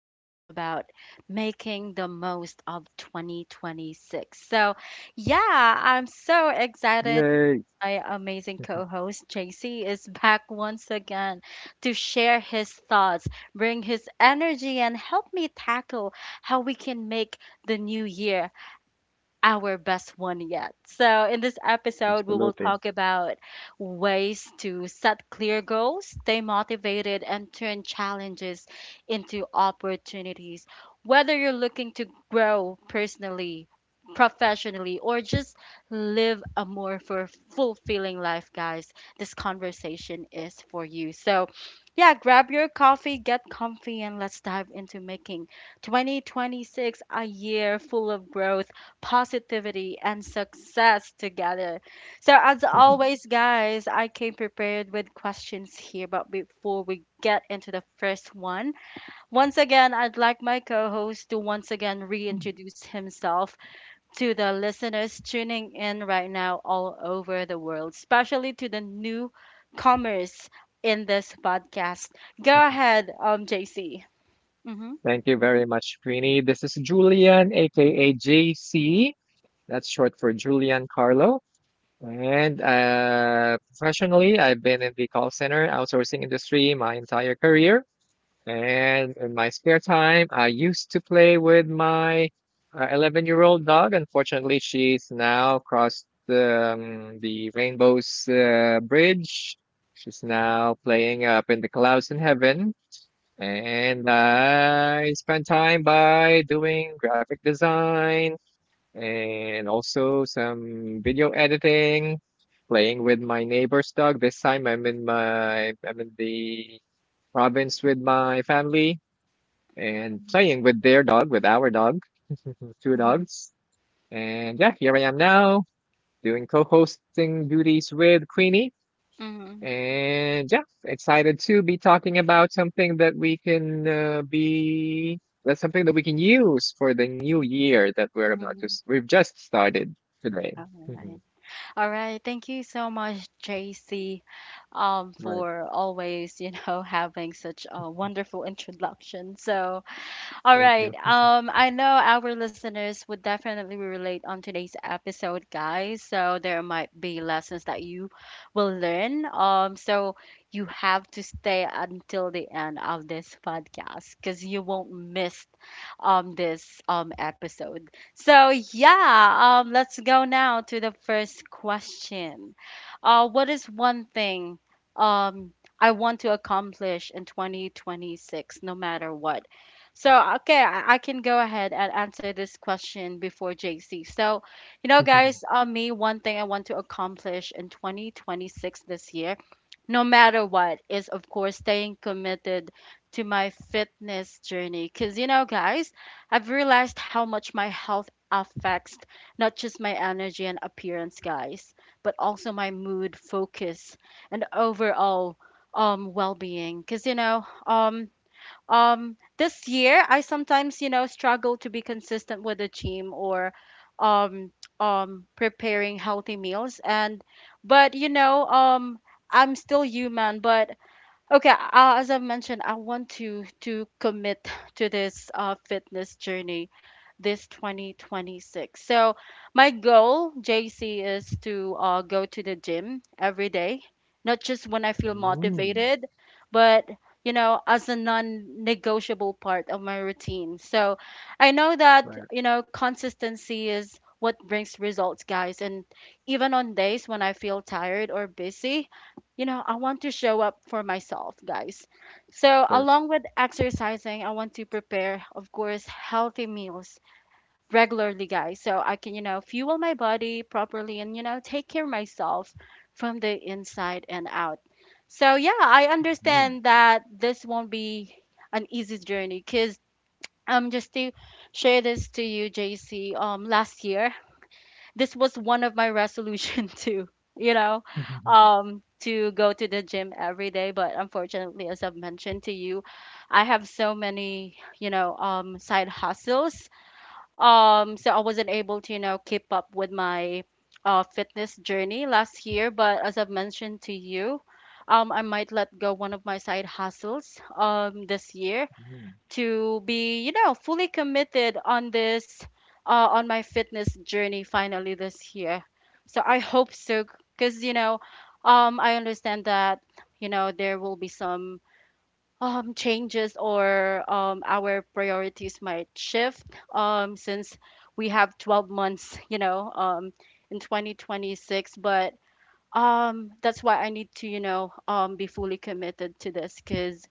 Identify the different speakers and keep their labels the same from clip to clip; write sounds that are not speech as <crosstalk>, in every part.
Speaker 1: is all about making the most of 2026. I'm so excited
Speaker 2: Yay.
Speaker 1: my amazing co
Speaker 2: <laughs>
Speaker 1: host, JC, is back once again to share his thoughts, bring his energy, and help me tackle how we can make the new year our best one yet. So, in this episode, we will
Speaker 2: Absolutely.
Speaker 1: talk about ways to set clear goals, stay motivated, and turn challenges into opportunities. Whether you're looking to grow personally, professionally, or just live a more for fulfilling life, guys, this conversation is for you. So, yeah, grab your coffee, get comfy, and let's dive into making 2026 a year full of growth positivity, and success together. So, as
Speaker 2: Mhm.
Speaker 1: always, guys, I came prepared with questions here. But before we get into the first one, once again, I'd like my co host to once again reintroduce himself to the listeners tuning in right now all over the world, especially to the newcomers in this podcast. Go
Speaker 2: Mhm.
Speaker 1: ahead, JC. Mm-hmm.
Speaker 2: Thank you very much, Queenie. This is Julian, aka JC. That's short for Julian Carlo. And professionally, I've been in the call center outsourcing industry my entire career. And in my spare time, I used to play with my 11-year-old dog. Unfortunately, she's now crossed the Rainbow's Bridge. She's now playing up in the clouds in heaven. And I spend time by doing graphic design and also some video editing, playing with my neighbor's dog. This time I'm in the province with my family and playing with their dog, with our dog, <laughs> two
Speaker 1: Mm-hmm.
Speaker 2: dogs. And yeah, here I am now doing co hosting duties with Queenie.
Speaker 1: Mm-hmm.
Speaker 2: And yeah, excited to be talking about something that's something that we can use for the new year that we're about to s- we've just started today. Hmm.
Speaker 1: Mm-hmm. All right. Thank you so much, JC,
Speaker 2: Right.
Speaker 1: for always, <laughs> having such a wonderful introduction. So, all
Speaker 2: Thank
Speaker 1: right.
Speaker 2: you.
Speaker 1: I know our listeners would definitely relate on today's episode, guys. So there might be lessons that you will learn. So you have to stay until the end of this podcast because you won't miss this episode. So let's go now to the first question. What is one thing um I want to accomplish in 2026, no matter what? So, okay, I can go ahead and answer this question before JC. So, you know,
Speaker 2: <laughs>
Speaker 1: guys, me, one thing I want to accomplish in 2026 this year, no matter what, is of course staying committed to my fitness journey. Because, you know, guys, I've realized how much my health affects not just my energy and appearance, guys, but also my mood, focus, and overall well being. Because, this year I sometimes struggle to be consistent with the gym or um preparing healthy meals and but you know I'm still human but okay, as I've mentioned, I want to commit to this fitness journey this 2026. So my goal, JC, is to go to the gym every day, not just when I feel
Speaker 2: Mm,
Speaker 1: motivated, but you know, as a non-negotiable part of my routine. So I know
Speaker 2: but
Speaker 1: that,
Speaker 2: of
Speaker 1: you know, consistency is what brings results, guys. And even on days when I feel tired or busy, you know, I want to show up for myself, guys. So,
Speaker 2: course.
Speaker 1: along with exercising, I want to prepare, of course, healthy meals regularly, guys. So I can, you know, fuel my body properly and, you know, take care of myself from the inside and out. So, yeah, I
Speaker 2: Mm.
Speaker 1: understand
Speaker 2: <laughs>
Speaker 1: that this won't be an easy journey because just to share this to you, JC, last year this was one of my resolution <laughs> to you know to go to the gym every day but unfortunately as I've mentioned to you I have so many side hustles, so I wasn't able to, you know, keep up with my fitness journey last year but as I've mentioned to you, I might let go one of my side hustles this year
Speaker 2: Mm.
Speaker 1: to be, you know, fully committed on this, on my fitness journey finally this year. So I hope so, because, you know, I understand that, you know, there will be some changes or our priorities might shift, since we have 12 months, you know, in 2026. But that's why I need to, you know, be fully committed to this because,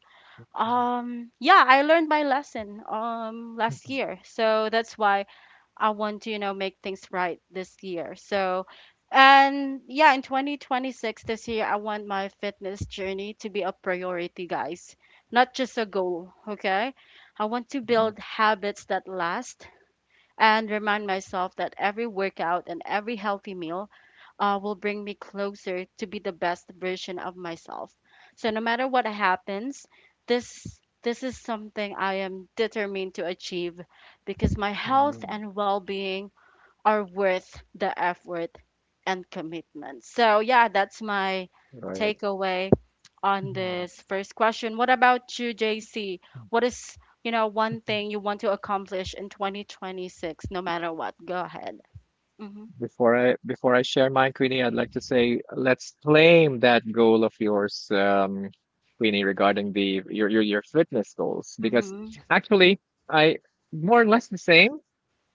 Speaker 1: yeah, I learned my lesson last year. So that's why I want to, you know, make things right this year. So and yeah, in 2026 this year I want my fitness journey to be a priority, guys. Not just a goal, okay? I want to build habits that last and remind myself that every workout and every healthy meal will bring me closer to be the best version of myself. So no matter what happens, this is something I am determined to achieve because my health and well-being are worth the effort and commitment. So yeah, that's my
Speaker 2: <laughs> Right.
Speaker 1: takeaway on this first question. What about you, JC? What is, you know, one thing you want to accomplish in 2026 no matter what? Go ahead. Mhm.
Speaker 2: Before I share mine, Queenie, I'd like to say let's claim that goal of yours, Queenie, regarding the your fitness goals. Because
Speaker 1: Mhm.
Speaker 2: actually, I more or less the same,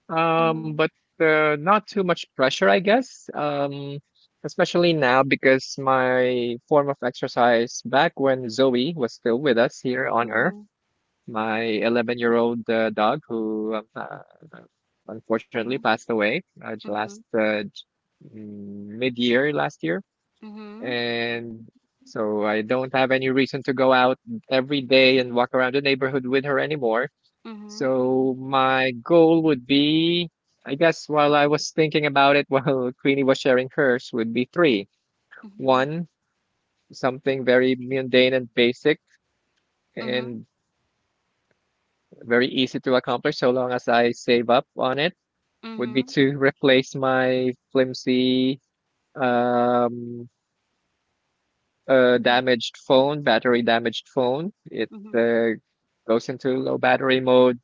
Speaker 1: Mhm.
Speaker 2: but not too much pressure, I guess. Especially now because my form of exercise back when Zoe was still with us here on Earth.
Speaker 1: Mhm.
Speaker 2: My 11-year-old year old dog who unfortunately
Speaker 1: Mhm,
Speaker 2: passed away last
Speaker 1: mhm,
Speaker 2: mid year last year.
Speaker 1: mhm,
Speaker 2: And so I don't have any reason to go out every day and walk around the neighborhood with her anymore.
Speaker 1: mhm,
Speaker 2: So my goal would be, I guess, while I was thinking about it, <laughs> while Queenie was sharing hers, would be three.
Speaker 1: mhm,
Speaker 2: One, something very mundane and basic
Speaker 1: mhm,
Speaker 2: and very easy to accomplish so long as I save up on it would be
Speaker 1: mhm,
Speaker 2: to replace my flimsy um
Speaker 1: mhm,
Speaker 2: damaged phone. It
Speaker 1: mhm,
Speaker 2: uh, goes into low battery mode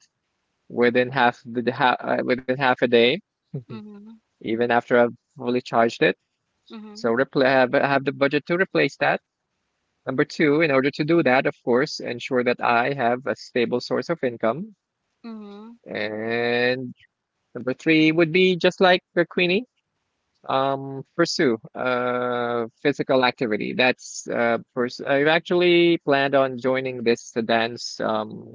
Speaker 2: within half a day
Speaker 1: mhm,
Speaker 2: <laughs> even after I've fully charged it. So
Speaker 1: mhm,
Speaker 2: have the budget to replace that. Number two, in order to do that, of course ensure that I have a stable source of income.
Speaker 1: mhm,
Speaker 2: And number three would be, just like the Queenie, pursue physical activity. That's I've actually planned on joining this dance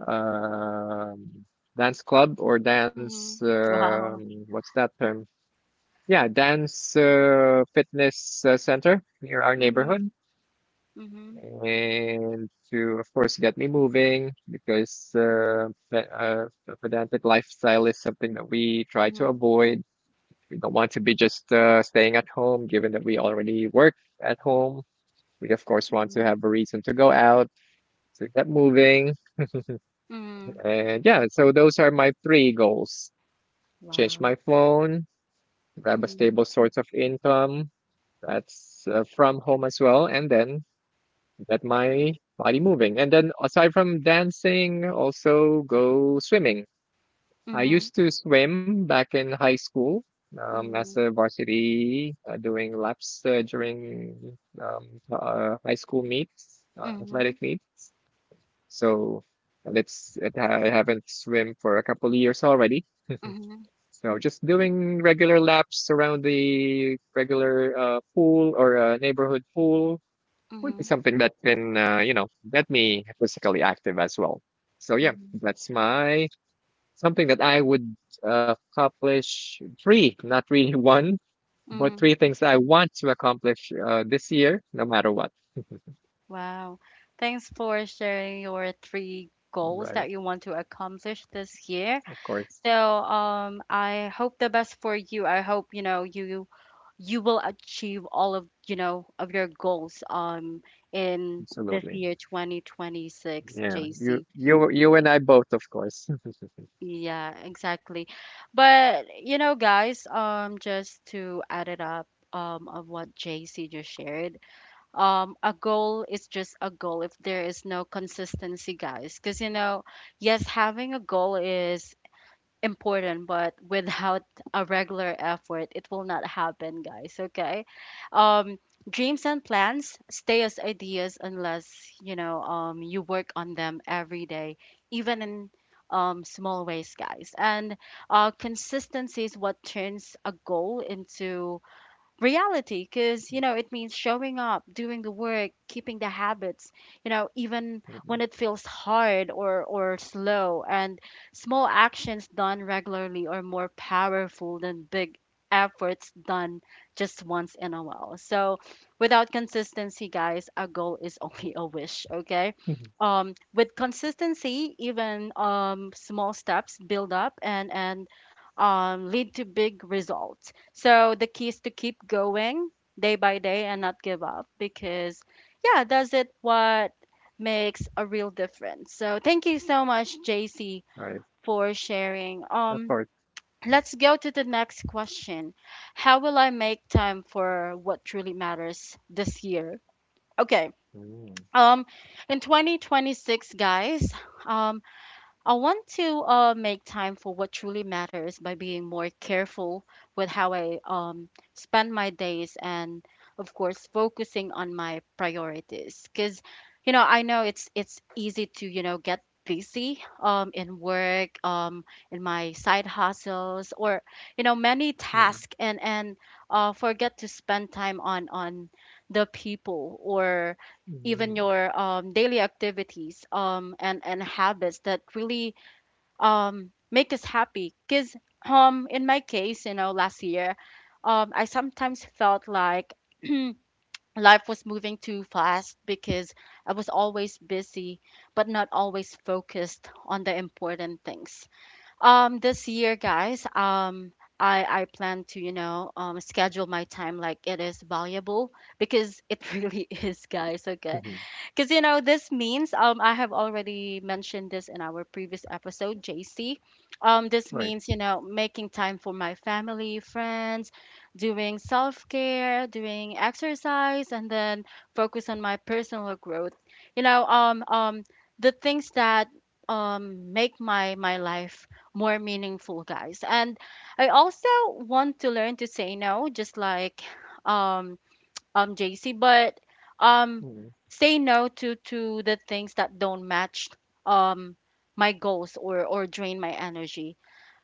Speaker 2: um dance club or dance
Speaker 1: mhm. Wow.
Speaker 2: what's that term? Yeah, dance fitness center near our neighborhood,
Speaker 1: Mhm, mhm,
Speaker 2: and to of course get me moving because pedantic lifestyle is something that we try to
Speaker 1: mhm,
Speaker 2: avoid. We don't want to be just staying at home, given that we already work at home. We, of course, want to
Speaker 1: mhm,
Speaker 2: have a reason to go out, to get moving.
Speaker 1: mhm.
Speaker 2: And yeah, so those are my three goals: change
Speaker 1: Wow.
Speaker 2: my phone, grab a
Speaker 1: Mhm,
Speaker 2: stable source of income that's from home as well, and then get my body moving. And then aside from dancing, also go swimming. I
Speaker 1: mhm,
Speaker 2: used to swim back in high school, as a
Speaker 1: mhm,
Speaker 2: varsity, doing laps during high school meets,
Speaker 1: mhm,
Speaker 2: athletic meets. So that's it, I haven't swim for a couple of years already.
Speaker 1: mhm,
Speaker 2: So just doing regular laps around the regular pool or neighborhood pool would be
Speaker 1: mhm,
Speaker 2: something that can, get me physically active as well. So yeah,
Speaker 1: mhm,
Speaker 2: that's my something that I would accomplish. Three, not really <laughs> one, but three
Speaker 1: mhm.
Speaker 2: things I want to accomplish this year, no matter what.
Speaker 1: Wow. Thanks for sharing your three goals
Speaker 2: Right.
Speaker 1: that you want to accomplish this year.
Speaker 2: Of course.
Speaker 1: So I hope the best for you. I hope, you you will achieve all of, of your goals in this
Speaker 2: Absolutely.
Speaker 1: year 2026,
Speaker 2: Yeah. You,
Speaker 1: JC.
Speaker 2: you, you and I both, of course. <laughs>
Speaker 1: Yeah, exactly. But you know guys, just to add it up of what JC just shared. A goal is just a goal if there is no consistency, guys, because you know yes having a goal is important, but without a regular effort, it will not happen, guys. Okay. Um, dreams and plans stay as ideas unless, you work on them every day, even in small ways, guys. And consistency is what turns a goal into reality because you know it means showing up, doing the work, keeping the habits, you know, even when it feels hard or slow. And small actions done regularly are more powerful than big efforts done just once in a while. So without consistency, guys, a goal is <laughs> only a wish, okay?
Speaker 2: Mhm.
Speaker 1: With consistency, even small steps build up and lead to big results. So the key is to keep going day by day and not give up because, yeah, does it what makes a real difference. So thank you so much, JC,
Speaker 2: Right.
Speaker 1: for sharing.
Speaker 2: Of course.
Speaker 1: Let's go to the next question. How will I make time for what truly matters this year? Okay.
Speaker 2: Mm,
Speaker 1: Um, in 2026, guys, um, I want to make time for what truly matters by being more careful with how I spend my days and, of course, focusing on my priorities. Because, you know, I know it's easy to, you know, get busy in work, in my side hustles, or you know many
Speaker 2: mm,
Speaker 1: tasks, and forget to spend time on the people or even
Speaker 2: mm,
Speaker 1: your daily activities and habits that really make us happy because in my case, you know, last year I sometimes felt like <clears throat> life was moving too fast because I was always busy but not always focused on the important things. This year, guys, I plan to, schedule my time like it is valuable because it <laughs> really is, guys, okay?
Speaker 2: mhm.
Speaker 1: Because you know this means I have already mentioned this in our previous episode, JC. This
Speaker 2: Right.
Speaker 1: means, you know, making time for my family, friends, doing self care, doing exercise, and then focus on my personal growth. You know um um the things that make my life more meaningful, guys. And I also want to learn to say no, just like um JC, but um
Speaker 2: Mm.
Speaker 1: say no to the things that don't match um my goals or drain my energy.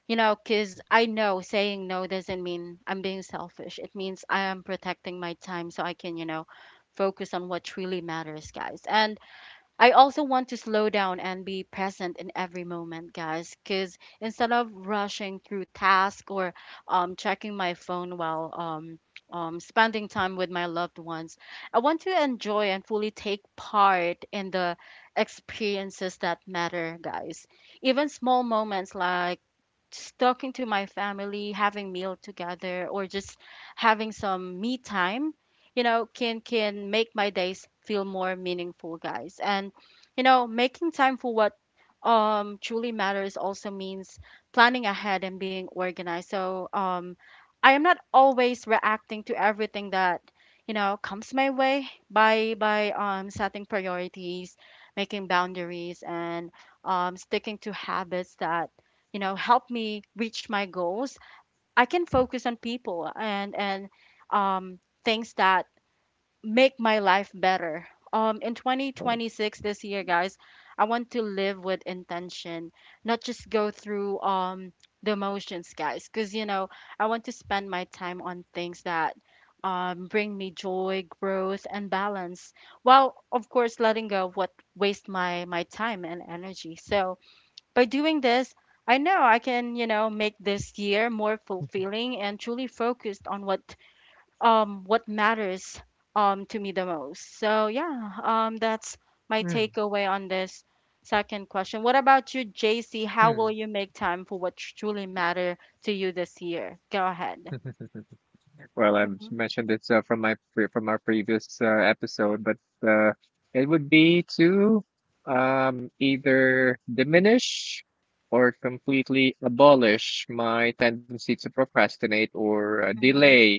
Speaker 1: You know, cuz I know saying no doesn't mean I'm being selfish. It means I am protecting my time so I can, you know, focus on what truly matters, guys. And I also want to slow down and be present in every moment, guys, because instead of rushing through tasks or checking my phone while spending time with my loved ones, I want to enjoy and fully take part in the experiences that matter, guys. Even small moments like just talking to my family, having meal together, or just having some me time, you know, can make my days feel more meaningful, guys. And you know, making time for what truly matters also means planning ahead and being organized. So I am not always reacting to everything that comes my way by by setting priorities, making boundaries, and sticking to habits that help me reach my goals. I can focus on people and um, things that make my life better in 2026. This year, guys, I want to live with intention, not just go through the motions, guys, because I want to spend my time on things that bring me joy, growth, and balance, while of course letting go of what waste my time and energy. So by doing this, I know I can, you know, make this year more fulfilling and truly focused on what matters to me the most. So yeah, that's my
Speaker 2: Right.
Speaker 1: takeaway on this second question. What about you, JC? How will
Speaker 2: Mm,
Speaker 1: you make time for what truly matter to you this year? Go ahead.
Speaker 2: mm. <laughs> Well, I've
Speaker 1: Mhm.
Speaker 2: mentioned this from from our previous episode, but uh, it would be to, either diminish or completely abolish my tendency to procrastinate or delay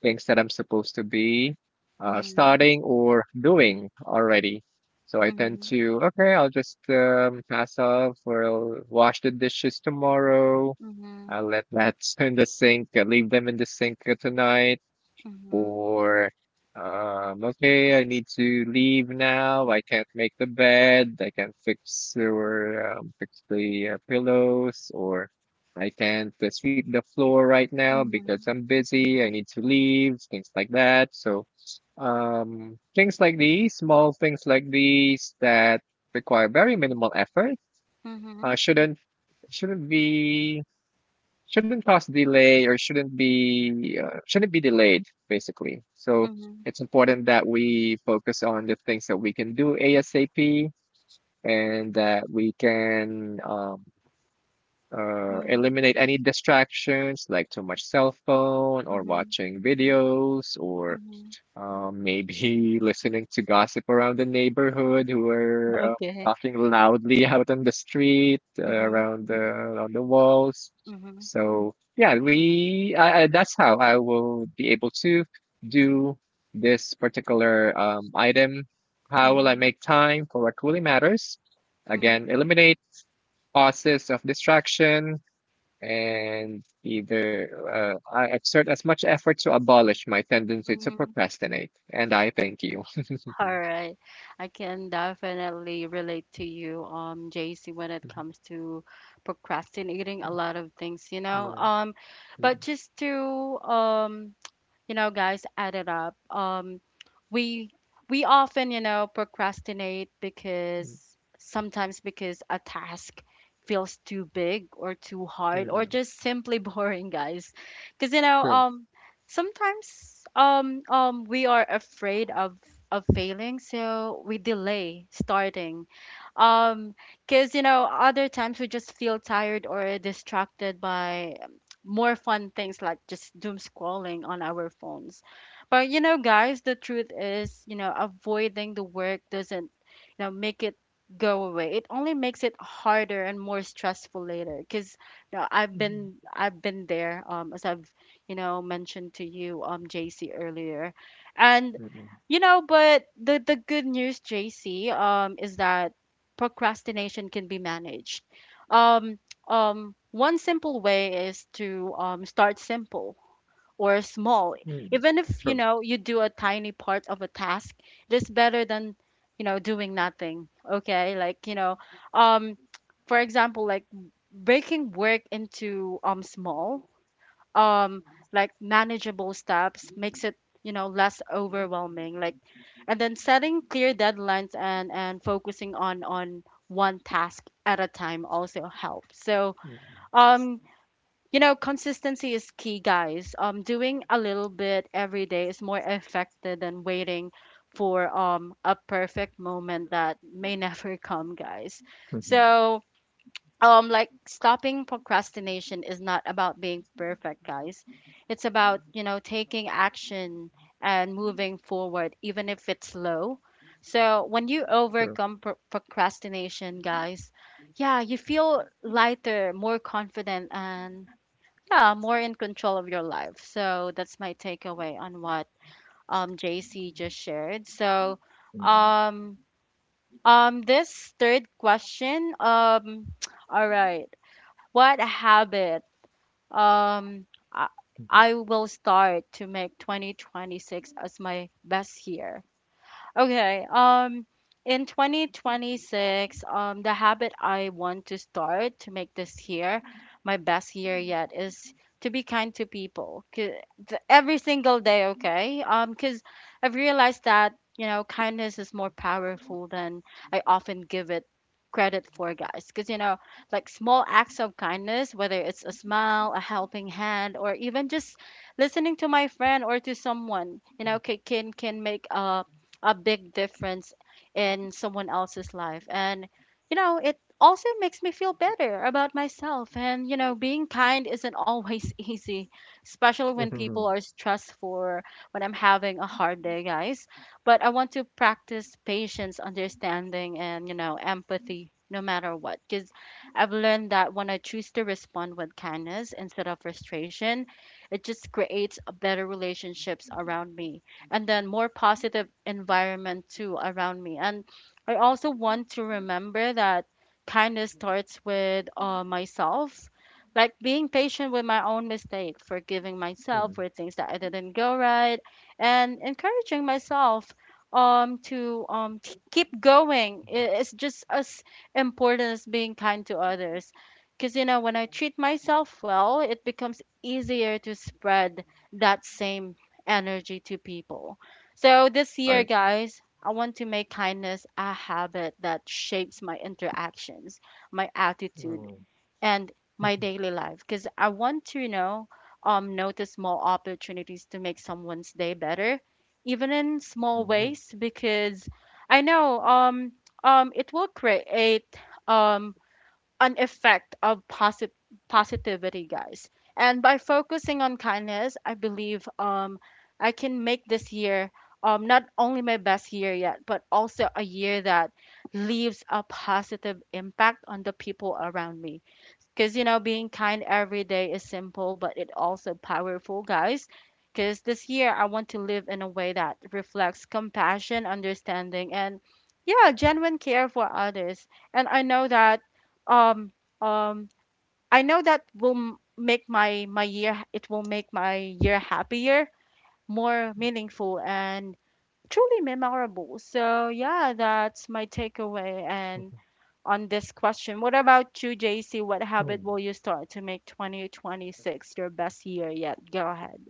Speaker 2: things that I'm supposed to be
Speaker 1: Mhm.
Speaker 2: starting or doing already. So I tend
Speaker 1: Mhm.
Speaker 2: to, okay, I'll just pass off or I'll wash the dishes tomorrow.
Speaker 1: Mhm.
Speaker 2: I'll let that <laughs> in the sink, leave them in the sink tonight.
Speaker 1: Mhm.
Speaker 2: Or okay, I need to leave now. I can't make the bed. I can't fix or fix the pillows, or I can't sweep the floor right now because
Speaker 1: Mhm.
Speaker 2: I'm busy. I need to leave. Things like that. So, things like these, small things like these that require very minimal effort, uh,
Speaker 1: Mhm.
Speaker 2: shouldn't shouldn't be shouldn't cause delay, or shouldn't be delayed, basically. So
Speaker 1: Mhm.
Speaker 2: it's important that we focus on the things that we can do ASAP, and that we can
Speaker 1: Mhm.
Speaker 2: eliminate any distractions like too much cell phone or
Speaker 1: Mhm. Mhm.
Speaker 2: watching videos or
Speaker 1: Mhm.
Speaker 2: maybe <laughs> listening to gossip around the neighborhood who
Speaker 1: <laughs>
Speaker 2: are
Speaker 1: Okay.
Speaker 2: talking loudly <laughs> out on the street,
Speaker 1: Mhm.
Speaker 2: around the on the walls.
Speaker 1: Mhm,
Speaker 2: So yeah, that's how I will be able to do this particular item. How will I
Speaker 1: mhm,
Speaker 2: make time for what truly matters? Again,
Speaker 1: mhm,
Speaker 2: eliminate causes of distraction, and either I exert as much effort to abolish my tendency to
Speaker 1: mhm.
Speaker 2: procrastinate, and I thank you. <laughs> Mhm,
Speaker 1: All right. I can definitely relate to you, JC, when it
Speaker 2: mhm,
Speaker 1: comes to procrastinating a lot of things, you know.
Speaker 2: right, mm,
Speaker 1: But just to you know, guys, add it up. We we often, you know, procrastinate
Speaker 2: mm,
Speaker 1: because sometimes because a task feels too big or too hard or
Speaker 2: mm.
Speaker 1: just simply <laughs> boring, guys. Because
Speaker 2: True.
Speaker 1: sometimes we are afraid of failing, so we delay starting. Um, because you know, other times we just feel tired or distracted by more fun things like just doom scrolling on our phones. But you know, guys, the truth is, you know, avoiding the work doesn't, you know, make it go away. It only makes it harder and more stressful later. Cause you know, I've
Speaker 2: Mm,
Speaker 1: been I've been there, as I've mentioned to you, JC earlier, and
Speaker 2: mm, mm,
Speaker 1: you know, but the good news, JC, is that procrastination can be managed. Um, One simple way is to start simple or small.
Speaker 2: mm.
Speaker 1: Even if you
Speaker 2: True.
Speaker 1: know you do a tiny part of a task, it is better than doing nothing. Okay, like you know, um, for example, like breaking work into small, um, like manageable steps makes it less overwhelming. Like, and then setting clear deadlines and focusing on one task at a time also helps. So um, you know, consistency is key, guys. Doing a little bit every day is more effective than waiting for a perfect moment that may <laughs> never come, guys. So, like stopping procrastination is not about being perfect, guys. It's about you know taking action and moving forward even if it's slow. So when you overcome procrastination, guys, yeah, you feel lighter, more confident, and yeah, more in control of your life. So that's my takeaway on what JC just shared. So um this third question. <tsk> All right, what habit? Um, I, I will start to make 2026 as my best year. Okay. In 2026, the habit I want to start to make this year my best year yet is to be kind to people. 'Cause every single day. Okay. Because I've realized that you know kindness is more powerful than I often give it credit for, guys. Because you know, like small acts of kindness, whether it's a smile, a helping hand, or even just listening to my friend or to someone, you know, can make a big difference in someone else's life. And, you know, it also makes me feel better about myself. And, you know, being kind isn't always <laughs> easy, especially when people are stressful or when I'm having a hard day, guys. But I want to practice patience, understanding, and, you know, empathy no matter what. Because I've learned that when I choose to respond with kindness instead of frustration, it just creates a better relationships around me and then more positive environment too around me. And I also want to remember that kindness starts with myself, like being patient with my own mistake, forgiving myself for things that I didn't go right, and encouraging myself to keep going. It's just as important as being kind to others, because you know when I treat myself well it becomes easier to spread that same energy to people. So this year, guys, I want to make kindness a habit that shapes my interactions, my attitude, and my daily life. Because I want to, you know, notice small opportunities to make someone's day better, even in small ways. Because I know, it will create, um, an effect of positivity, guys. And by focusing on kindness, I believe I can make this year not only my best year yet, but also a year that leaves a positive impact on the people around me. Because, you know, being kind every day is simple, but it also powerful, guys. Because this year I want to live in a way that reflects compassion, understanding, and yeah, genuine care for others. And um, um, I know that will make my year. It will make my year happier, more meaningful, and truly memorable. So yeah, that's my takeaway. And on this question. What about you, JC? What habit will you start to make 2026 your best year yet? Go ahead.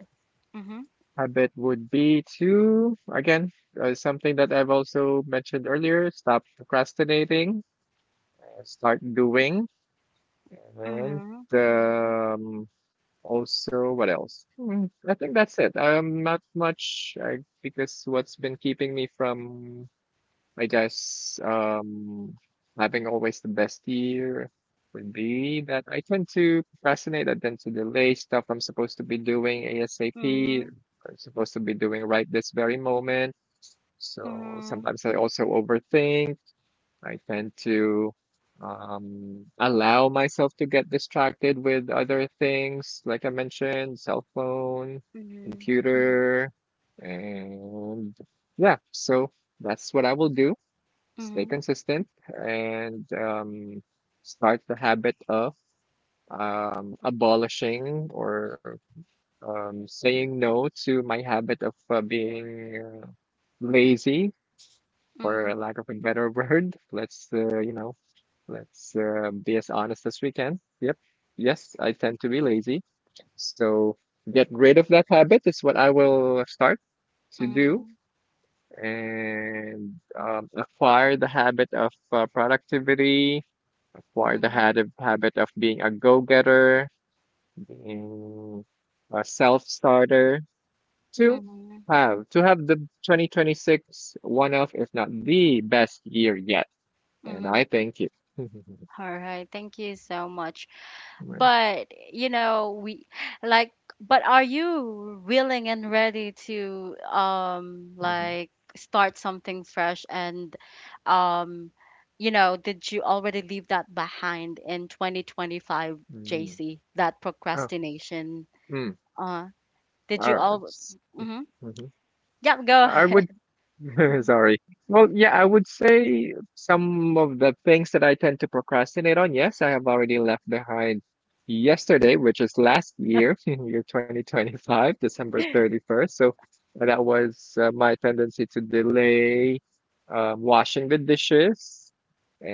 Speaker 1: Mm-hmm.
Speaker 2: Habit would be to, again, something that I've also mentioned earlier: stop procrastinating, start doing, and
Speaker 1: Mm-hmm.
Speaker 2: the also. What else? I think that's it. Not much. Because what's been keeping me from, I guess, having always the best year would be that I tend to procrastinate. I tend to delay stuff I'm supposed to be doing ASAP.
Speaker 1: Mm-hmm.
Speaker 2: I'm supposed to be doing right this very moment. So sometimes I also overthink. I tend to allow myself to get distracted with other things, like I mentioned, cell phone,
Speaker 1: Mm-hmm.
Speaker 2: computer, and yeah, so that's what I will do. Stay
Speaker 1: Mm-hmm.
Speaker 2: consistent, and start the habit of abolishing, or saying no to my habit of being lazy, for a
Speaker 1: Mm-hmm.
Speaker 2: lack of a better <laughs> word. Let's be as honest as we can. Yep. Yes, I tend to be lazy. So get rid of that habit is what I will start to do,
Speaker 1: Mm-hmm.
Speaker 2: and acquire the habit of productivity. Acquire the
Speaker 1: Mm-hmm.
Speaker 2: habit of being a go-getter, being a self-starter, to
Speaker 1: Mm-hmm.
Speaker 2: have the 2026 one of, if not the best year yet. And I
Speaker 1: Mm-hmm.
Speaker 2: thank you.
Speaker 1: All right. Thank you so much.
Speaker 2: Like,
Speaker 1: But, you know, we like, but are you willing and ready to like start something fresh and um you know, did you already leave that behind in 2025, JC, that
Speaker 2: oh,
Speaker 1: procrastination?
Speaker 2: hmm.
Speaker 1: Uh, did
Speaker 2: I,
Speaker 1: you all Mm-hmm. Yep, go
Speaker 2: I
Speaker 1: ahead.
Speaker 2: would. <laughs>
Speaker 1: Mm-hmm.
Speaker 2: Sorry. Well, yeah, I would say some of the things that I tend to procrastinate on, yes, I have already left behind yesterday, which is last year, <laughs> in year 2025, December 31st. So that was my tendency to delay washing the dishes.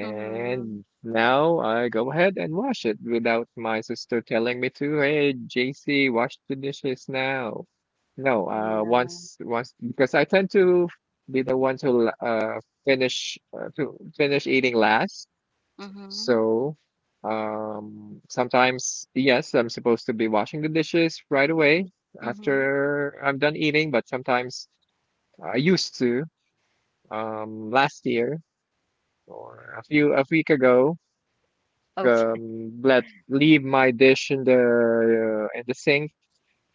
Speaker 1: Mm-hmm.
Speaker 2: now I go ahead and wash it without my sister telling me to, hey, JC, wash the dishes now. No,
Speaker 1: Yeah.
Speaker 2: once, because I tend to be the one to finish to finish eating last.
Speaker 1: Mm-hmm.
Speaker 2: So sometimes, yes, I'm supposed to be washing the dishes right away
Speaker 1: Mm-hmm.
Speaker 2: after I'm done eating, but sometimes I used to, last year, or a week ago,
Speaker 1: Okay.
Speaker 2: let leave my dish in the sink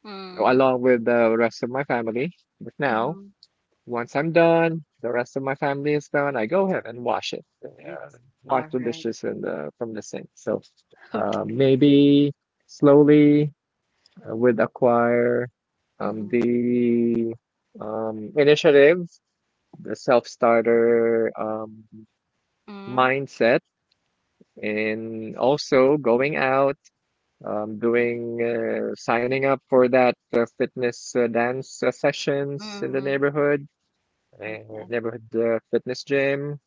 Speaker 1: Mm-hmm.
Speaker 2: along with the rest of my family. But now, once I'm done, the rest of my family is done, I go ahead and wash
Speaker 1: All
Speaker 2: the
Speaker 1: right.
Speaker 2: dishes from the sink. So
Speaker 1: <laughs> Okay.
Speaker 2: maybe slowly would acquire,
Speaker 1: Mm-hmm.
Speaker 2: the initiative, the self-starter
Speaker 1: Mm-hmm.
Speaker 2: mindset, and also going out, doing, signing up for that fitness dance sessions in the
Speaker 1: Mm.
Speaker 2: uh,
Speaker 1: Okay.
Speaker 2: neighborhood fitness gym.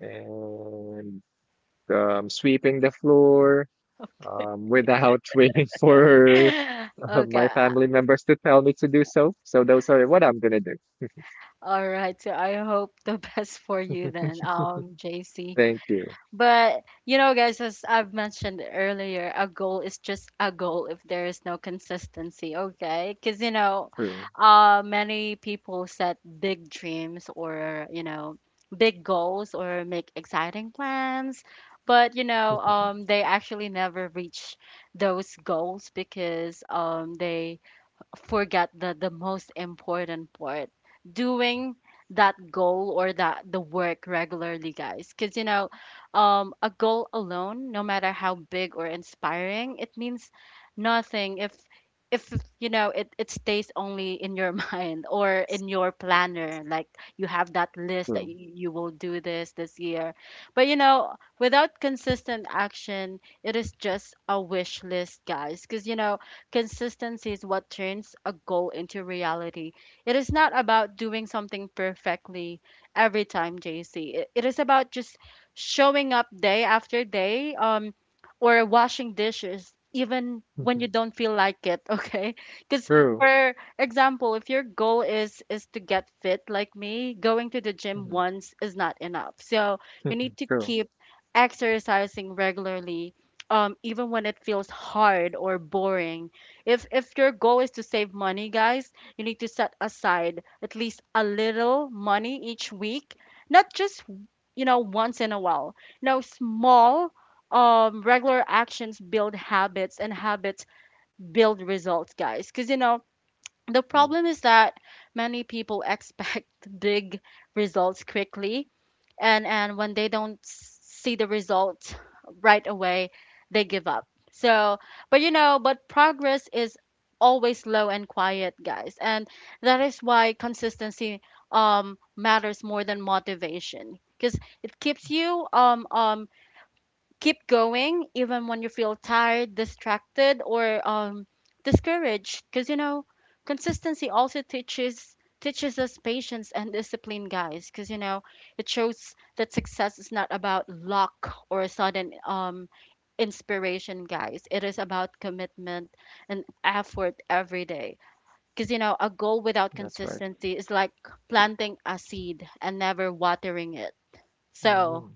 Speaker 2: And sweeping the floor without <laughs> waiting for
Speaker 1: <laughs>
Speaker 2: my
Speaker 1: Okay.
Speaker 2: family members to tell me to do so. So those are what I'm gonna do.
Speaker 1: All right. So I hope <laughs> the best for you then, JC.
Speaker 2: Thank you.
Speaker 1: But you know, guys, as I've mentioned earlier, a goal is just a goal if there is no consistency, okay? Because you know, many people set big dreams or you know, big goals or make exciting plans, but you know, they actually never reach those goals because they forget the most important part, doing that goal or that the work regularly, guys. Because you know a goal alone, no matter how big or inspiring, it means nothing if if you know it stays only in your <laughs> mind or in your planner. Like you have that list that you will do this this year, but you know without consistent action it is just a wish list, guys. Because you know consistency is what turns a goal into reality. It is not about doing something perfectly every time, JC. It is about just showing up day after day, or washing dishes even when you don't feel like it, <laughs> okay? Because
Speaker 2: True,
Speaker 1: for example, if your goal is to get fit like me, going to the gym once is not enough. So you need to
Speaker 2: true.
Speaker 1: keep exercising regularly, even when it feels hard or boring. If your goal is to save money, guys, you need to set aside at least a little money each week, not just you know once in a while. Now, small regular actions build habits, and habits build results, guys. Cuz you know, the problem is that many people expect <laughs> big results quickly, and when they don't see the results right away, they give up. So, but you know, but progress is always slow and quiet, guys, and that is why consistency matters more than motivation, because it keeps you keep going even when you feel tired, distracted, or discouraged. Because you know, consistency also teaches us patience and discipline, guys. Because you know, it shows that success is not about luck or a sudden inspiration, guys. It is about commitment and effort every day. Because you know, a goal without
Speaker 2: That's right.
Speaker 1: consistency is like planting a seed and never watering it. So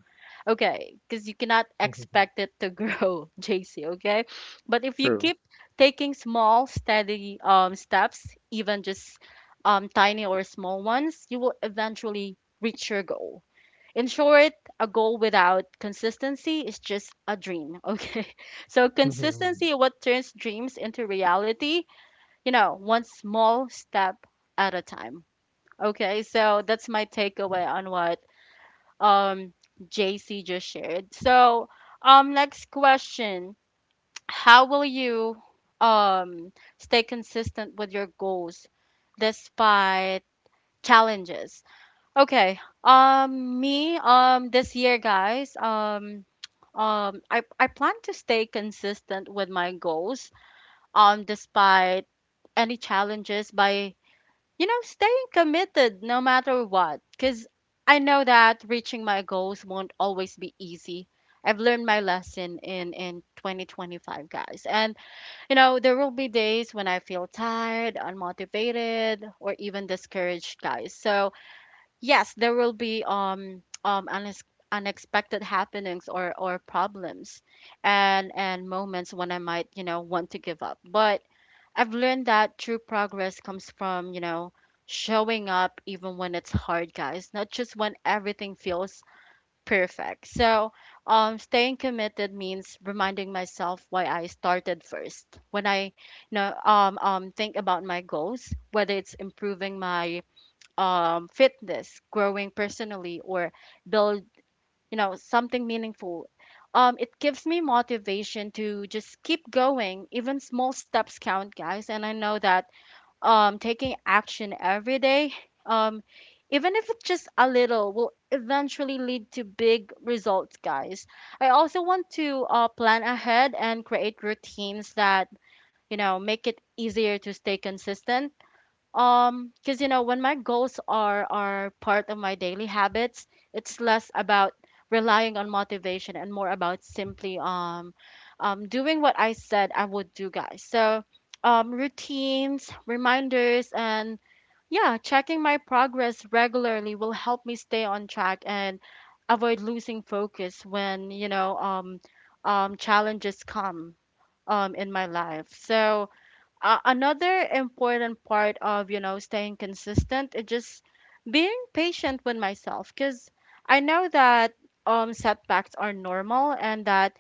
Speaker 1: okay, because you cannot expect it to grow, <laughs> JC, okay? But if you
Speaker 2: True.
Speaker 1: keep taking small, steady steps, even just tiny or small ones, you will eventually reach your goal. In short, a goal without consistency is just a dream, <laughs> okay? So consistency what turns dreams into reality, you know, one small step at a time. Okay, so that's my takeaway on what um JC just shared. So, next question, how will you um stay consistent with your goals despite challenges? Okay. Me this year, guys, I plan to stay consistent with my goals despite any challenges by you know, staying committed no matter what. Because I know that reaching my goals won't always be easy. I've learned my lesson in 2025, guys. And, you know, there will be days when I feel tired, unmotivated, or even discouraged, guys. So, yes, there will be unexpected happenings or problems and moments when I might, you know, want to give up. But I've learned that true progress comes from, you know, showing up even when it's hard, guys, not just when everything feels perfect. So, staying committed means reminding myself why I started first. When I think about my goals, whether it's improving my fitness, growing personally, or build, something meaningful. It gives me motivation to just keep going. Even small steps count, guys, and I know that taking action every day um even if it's just a little will eventually lead to big results, guys. I also want to plan ahead and create routines that, you know, make it easier to stay consistent, because, you know, when my goals are part of my daily habits, it's less about relying on motivation and more about simply doing what I said I would do, guys. So, routines, reminders, and yeah, checking my progress regularly will help me stay on track and avoid losing focus when, challenges come in my life. So, another important part of, you know, staying consistent is just being patient with myself, because I know that setbacks are normal and that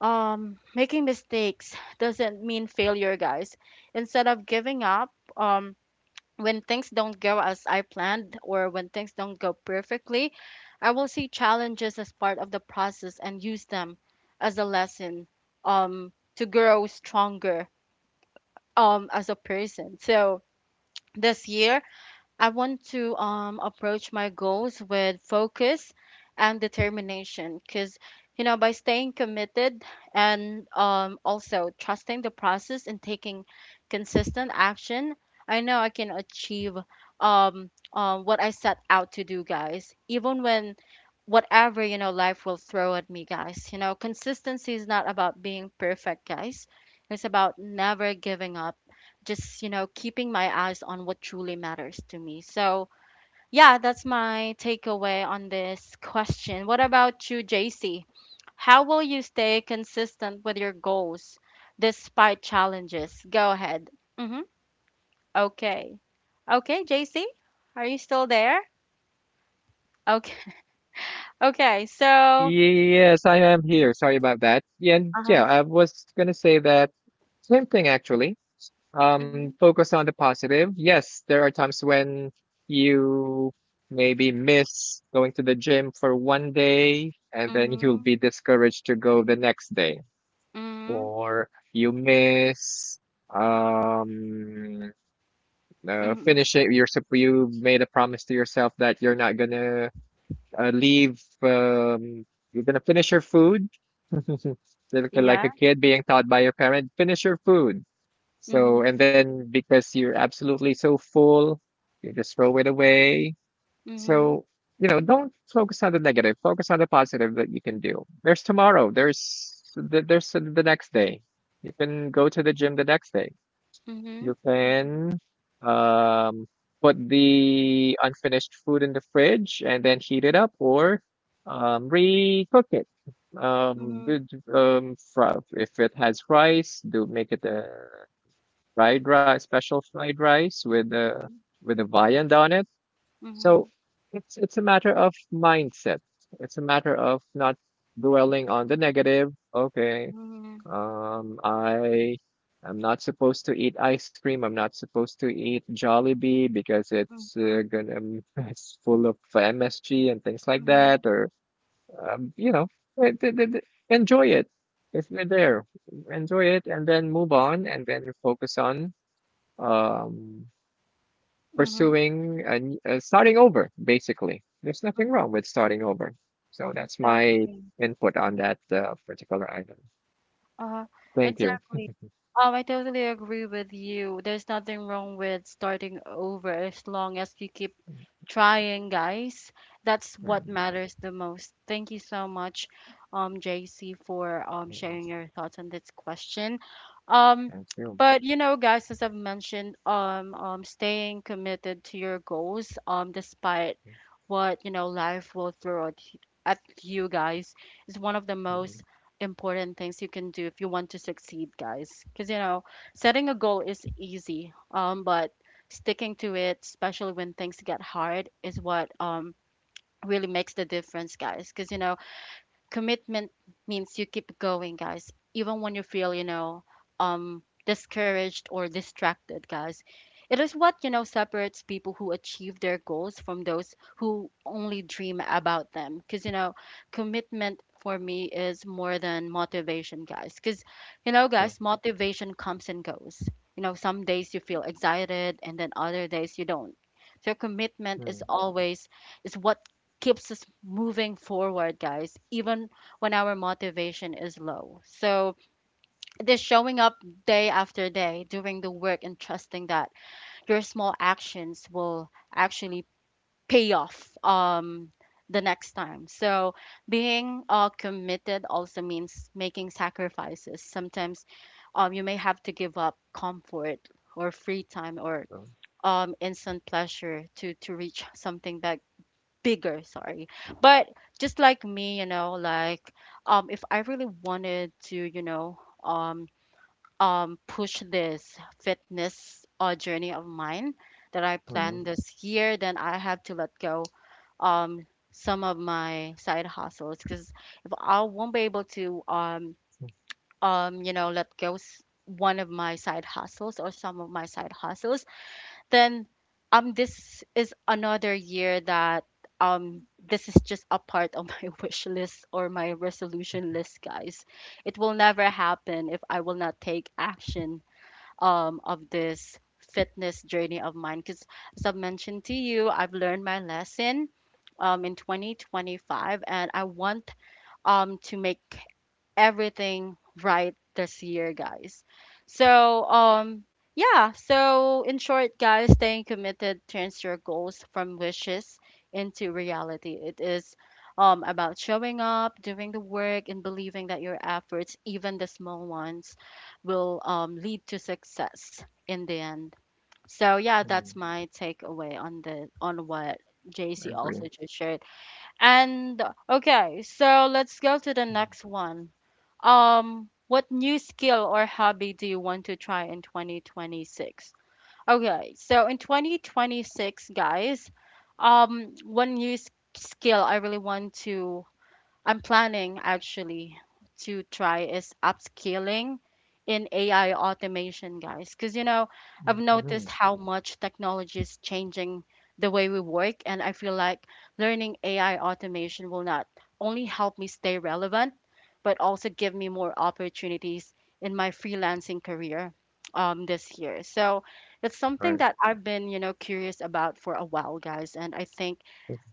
Speaker 1: making mistakes doesn't mean failure, guys. Instead of giving up um when things don't go as I planned or when things don't go perfectly, I will see challenges as part of the process and use them as a lesson to grow stronger as a person. So this year, I want to approach my goals with focus and determination because, you know, by staying committed and also trusting the process and taking consistent action, I know I can achieve what I set out to do, guys. Even when whatever, you know, life will throw at me, guys, you know, consistency is not about being perfect, guys. It's about never giving up, just, you know, keeping my eyes on what truly matters to me. So yeah, that's my takeaway on this question. What about you, JC? How will you stay consistent with your goals despite challenges? Go ahead. Mm-hmm. Okay. Okay, JC, are you still there? Okay. <laughs> Okay, so
Speaker 2: Yes, I am here. Sorry about that. Yeah, and
Speaker 1: uh-huh.
Speaker 2: yeah, I was gonna say that same thing actually.
Speaker 1: Mm-hmm.
Speaker 2: Focus on the positive. Yes, there are times when you maybe miss going to the gym for one day and then you'll
Speaker 1: Mm-hmm.
Speaker 2: be discouraged to go the next day,
Speaker 1: Mm-hmm.
Speaker 2: or you miss um
Speaker 1: Mm-hmm.
Speaker 2: you made a promise to yourself that you're not gonna leave, you're gonna finish your food, like
Speaker 1: Yeah.
Speaker 2: a kid being taught by your parent, finish your food.
Speaker 1: Mm-hmm.
Speaker 2: So, and then because you're absolutely so full, you just throw it away.
Speaker 1: Mm-hmm.
Speaker 2: So, don't focus on the negative. Focus on the positive that you can do. There's tomorrow. There's the next day. You can go to the gym the next day. You
Speaker 1: Mm-hmm.
Speaker 2: can um, put the unfinished food in the fridge and then heat it up or re-cook it.
Speaker 1: Mm-hmm. Mm-hmm.
Speaker 2: If it has rice, do make it a fried rice, special fried rice with a viand on it.
Speaker 1: Mm-hmm.
Speaker 2: So it's a matter of mindset. It's a matter of not dwelling on the negative. Okay,
Speaker 1: Mm-hmm.
Speaker 2: um, I I'm not supposed to eat ice cream. I'm not supposed to eat Jollibee because it's
Speaker 1: Mm-hmm.
Speaker 2: uh, gonna m- <laughs> it's full of MSG and things like that.
Speaker 1: Mhm,
Speaker 2: Or you know, eh, th- th- th- Enjoy it if you're there. Enjoy it and then move on and then focus on um,
Speaker 1: mhm,
Speaker 2: pursuing and starting over, basically. There's
Speaker 1: mhm,
Speaker 2: nothing wrong with starting over. So that's my
Speaker 1: exactly.
Speaker 2: input on that particular item.
Speaker 1: Uh,
Speaker 2: Thank you.
Speaker 1: exactly. I totally agree with you. There's nothing wrong with starting over as long as you keep trying, guys. That's what matters the most. Thank you so much, JC, for sharing your thoughts on this question. Um,
Speaker 2: New,
Speaker 1: but you know, guys, as I've mentioned, staying committed to your goals, despite what, you know, life will throw at you, guys, is one of the most important things you can do if you want to succeed, guys. Because, you know, setting a goal is easy, but sticking to it, especially when things get hard, is what really makes the difference, guys. Because, you know, commitment means you keep going, guys, even when you feel, you know, discouraged or distracted, guys. It is what, you know, separates people who achieve their goals from those who only dream about them, because, you know, commitment for me is more than motivation, guys. Because, you know, guys, motivation comes and goes. You know, some days you feel excited and then other days you don't. So commitment is always is what keeps us moving forward, guys, even when our motivation is low. So, just showing up day after day, doing the work, and trusting that your small actions will actually pay off the next time. So, being committed also means making sacrifices. Sometimes you may have to give up comfort or free time or instant pleasure to reach something that bigger, sorry, but just like me, you know, like, if I really wanted to, you know, um push this fitness journey of mine that I planned this year, then I have to let go um some of my side hustles. Because if I won't be able to you know, one of my side hustles or some of my side hustles, then this is another year that this is just a part of my <laughs> wish list or my resolution list, guys. It will never happen if I will not take action of this fitness journey of mine. Because, as I've mentioned to you, I've learned my lesson in 2025 and I want to make everything right this year, guys. So, yeah, so in short, guys, staying committed turns your goals from wishes into reality. It is about showing up, doing the work, and believing that your efforts, even the small ones, will lead to success in the end. So yeah, that's my takeaway on the on what JC also just shared. And okay, so let's go to the next one. What new skill or hobby do you want to try in 2026? Okay, so in 2026, guys, um, one new s- skill I really want to, I'm planning actually to try is upscaling in AI automation, guys. Because, you know, I've noticed how much technology is changing the way we work. And I feel like learning AI automation will not only help me stay relevant, but also give me more opportunities in my freelancing career this year. So it's something that I've been, you know, curious about for a while, guys. And I think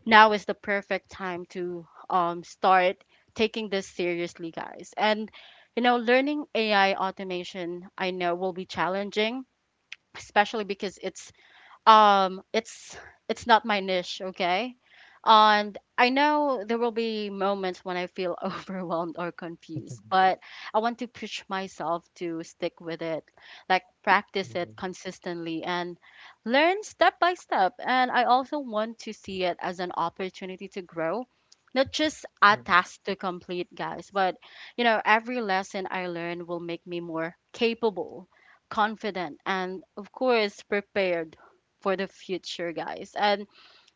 Speaker 1: now is the perfect time to start taking this seriously, guys. And, you know, learning AI automation, I know, will be challenging, especially because it's it's not my niche, okay. And I know there will be moments when I feel <laughs> overwhelmed or confused, but I want to push myself to stick with it, like practice it consistently and learn step by step. And I also want to see it as an opportunity to grow, not just a task to complete, guys. But, you know, every lesson I learn will make me more capable, confident, and of course, prepared for the future, guys. And,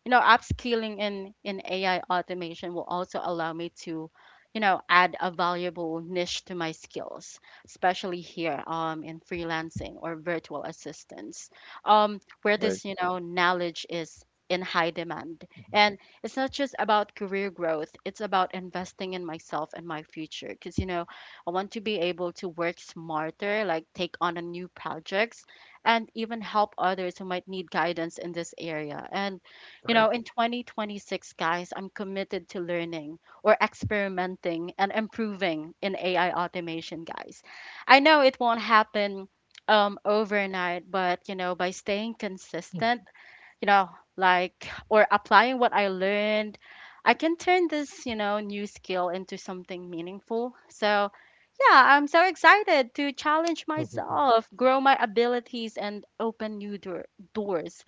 Speaker 1: you know, upskilling in AI automation will also allow me to, you know, add a valuable niche to my skills, especially here in freelancing or virtual assistance, where
Speaker 2: but
Speaker 1: this, you know, knowledge is in high demand. And it's not just about career growth, it's about investing in myself and my future. Because, you know, I want to be able to work smarter, like take on a new projects and even help others who might need guidance in this area. And, you
Speaker 2: Right,
Speaker 1: know, in 2026, guys, I'm committed to learning or experimenting and improving in AI automation, guys. I know it won't happen overnight, but, you know, by staying consistent, you know, like, or applying what I learned, I can turn this, you know, new skill into something meaningful. So yeah, I'm so excited to challenge myself, grow my abilities, and open doors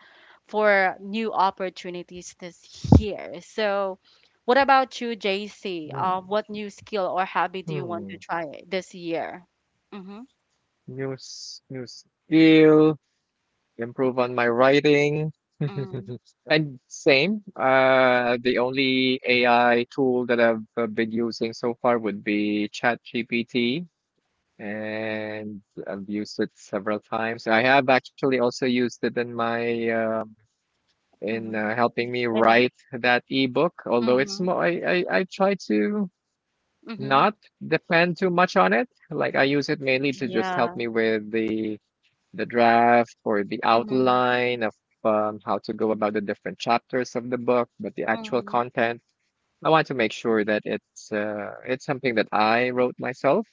Speaker 1: for new opportunities this year. So, what about you, JC? What new skill or hobby do you want to try this year? Mm-hmm.
Speaker 2: new skill, improve on my writing.
Speaker 1: Mm-hmm.
Speaker 2: And same, the only AI tool that I've been using so far would be ChatGPT. And I've used it several times. I have actually also used it in my in
Speaker 1: Mm-hmm.
Speaker 2: helping me
Speaker 1: And
Speaker 2: write that ebook. Although it's
Speaker 1: mm-hmm.
Speaker 2: more, I try to
Speaker 1: Mm-hmm.
Speaker 2: not depend too much on it. Like I use it mainly to just help
Speaker 1: Yeah.
Speaker 2: me with the draft or the
Speaker 1: Mm-hmm.
Speaker 2: outline of how to go about the different chapters of the book. But the actual
Speaker 1: Mm-hmm.
Speaker 2: content, I want to make sure that it's it's something that I wrote myself.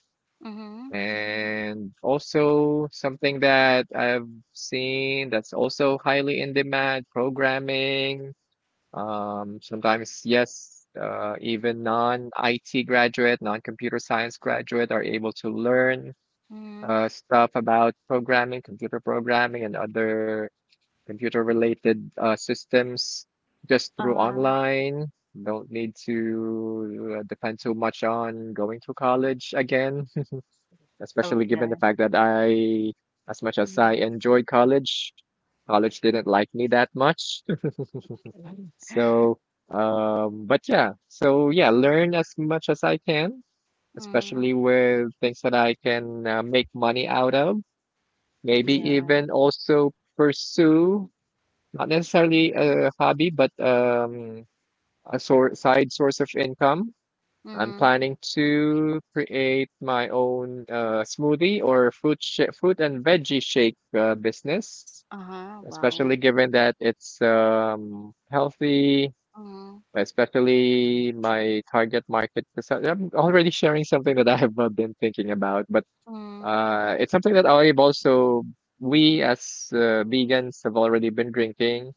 Speaker 1: Mm-hmm.
Speaker 2: And also something that I've seen that's also highly in demand, programming, sometimes, yes, even non-IT graduate, non-computer science graduate are able to learn
Speaker 1: Mm-hmm.
Speaker 2: stuff about programming, computer programming, and other computer-related systems just through
Speaker 1: Uh,
Speaker 2: online. Don't need to depend too much on going to college again, <laughs> especially given the
Speaker 1: okay.
Speaker 2: fact that I, as much as I
Speaker 1: Mm-hmm.
Speaker 2: enjoyed college, college didn't like me that much.
Speaker 1: Okay,
Speaker 2: So, but yeah, so yeah, learn as much as I can,
Speaker 1: mm-hmm.
Speaker 2: especially with things that I can make money out of. Maybe
Speaker 1: Yeah.
Speaker 2: even also pursue not necessarily a hobby, but a sor side source of income. I'm
Speaker 1: Mm-hmm.
Speaker 2: planning to create my own smoothie or fruit and veggie shake business,
Speaker 1: Uh-huh.
Speaker 2: especially
Speaker 1: Wow.
Speaker 2: given that it's healthy,
Speaker 1: Mhm,
Speaker 2: especially my target market, because I'm already sharing something that I have been thinking about, but
Speaker 1: mhm,
Speaker 2: it's something that I've also, we as vegans have already been drinking.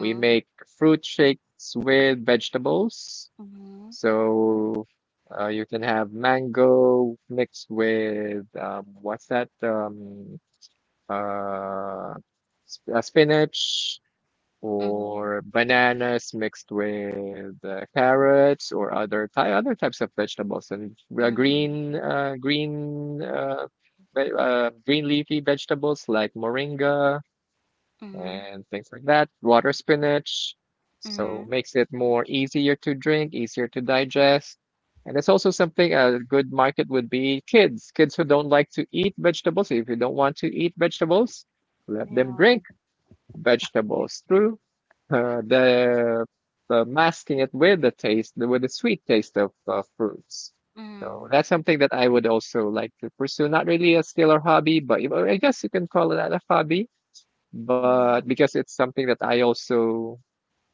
Speaker 2: We make fruit shakes with vegetables,
Speaker 1: mhm,
Speaker 2: so you can have mango mixed with what's that? Uh, Spinach
Speaker 1: mhm,
Speaker 2: or bananas mixed with carrots or other types of vegetables and
Speaker 1: mhm,
Speaker 2: green leafy vegetables like moringa
Speaker 1: mhm,
Speaker 2: and things like that, water spinach, so
Speaker 1: mhm.
Speaker 2: makes it more easier to drink, easier to digest. And it's also something, a good market would be kids, kids who don't like to eat vegetables. If you don't want to eat vegetables, let them
Speaker 1: Yeah,
Speaker 2: drink
Speaker 1: okay.
Speaker 2: vegetables through uh, the, the masking it with the taste, with the sweet taste of fruits. So
Speaker 1: Mhm,
Speaker 2: that's something that I would also like to pursue. Not really a skill or hobby, but you- or I guess you can call it a hobby. But because
Speaker 1: mhm,
Speaker 2: it's something that I also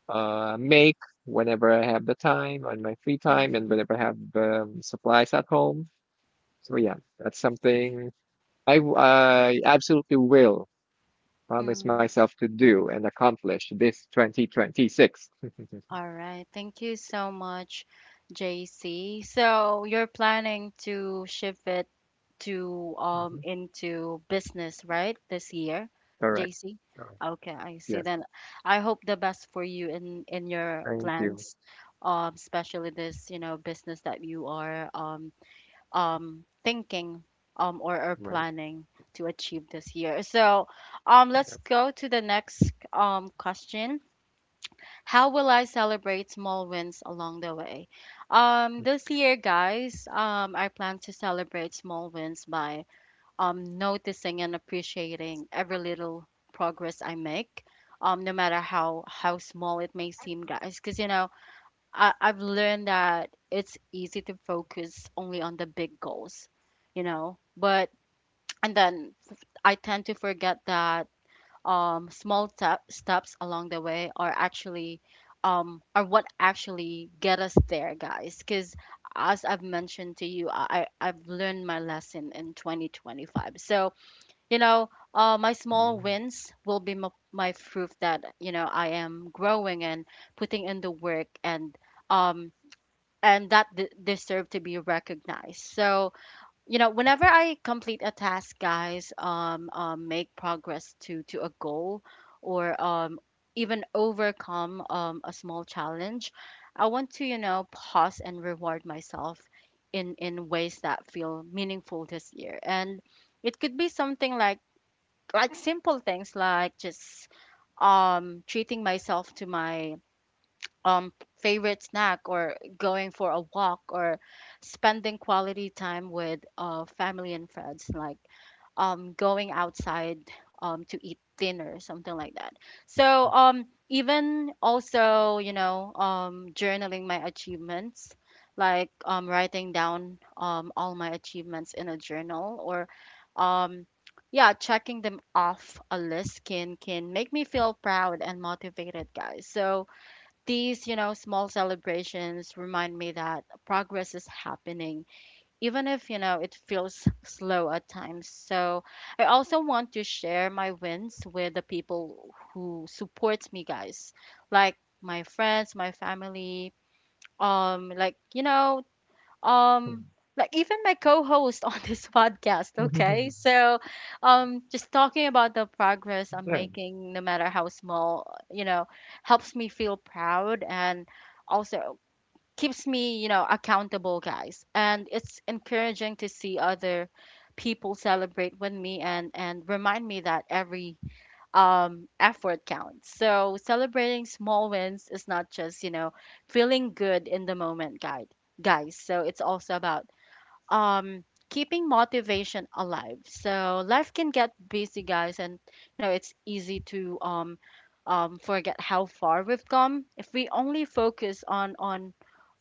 Speaker 2: make whenever I have the time on my free time and
Speaker 1: mhm,
Speaker 2: whenever I have supplies at home. So yeah, that's something I absolutely will promise
Speaker 1: mhm.
Speaker 2: myself to do and accomplish this 2026.
Speaker 1: All right. Thank you so much, JC. So you're planning to shift it to into business, right? This year,
Speaker 2: Correct.
Speaker 1: JC?
Speaker 2: Correct.
Speaker 1: Okay, I see.
Speaker 2: Yes.
Speaker 1: Then I hope the best for you in your
Speaker 2: Thank you.
Speaker 1: plans, especially this, you know, business that you are thinking, or
Speaker 2: Right.
Speaker 1: planning to achieve this year. So let's
Speaker 2: That's
Speaker 1: go to the next question. How will I celebrate small wins along the way? This year, guys, I plan to celebrate small wins by noticing and appreciating every little progress I make. No matter how small it may seem, guys, because, you know, I've learned that it's easy to focus only on the big goals, you know. But and then I tend to forget that small tap steps along the way are actually are what actually get us there, guys. Because, as I've mentioned to you, I've learned my lesson in 2025. So, you know, my small wins will be my proof that, you know, I am growing and putting in the work um and that deserve to be recognized. So, you know, whenever I complete a task, guys, make progress to a goal or even overcome a small challenge, I want to, you know, pause and reward myself in ways that feel meaningful this year. And it could be something like simple things, like just treating myself to my um favorite snack, or going for a walk, or spending quality time with family and friends, like going outside to eat dinner, something like that. So even also, you know, journaling my achievements, like writing down all my achievements in a journal, or um yeah, checking them off a list can make me feel proud and motivated, guys. So these, you know, small celebrations remind me that progress is happening, even if, you know, it feels slow at times. So I also want to share my wins with the people who support me, guys, like my friends, my family, like, you know, um like even my co-host on this <laughs> podcast, okay. So just talking about the progress I'm
Speaker 2: there.
Speaker 1: making, no matter how small, you know, helps me feel proud and also keeps me, you know, accountable, guys. And it's encouraging to see other people celebrate with me, and remind me that every effort counts. So celebrating small wins is not just, you know, feeling good in the moment, guide, guys. So it's also about um, keeping motivation alive. So life can get busy, guys, and you know it's easy to forget how far we've come if we only focus on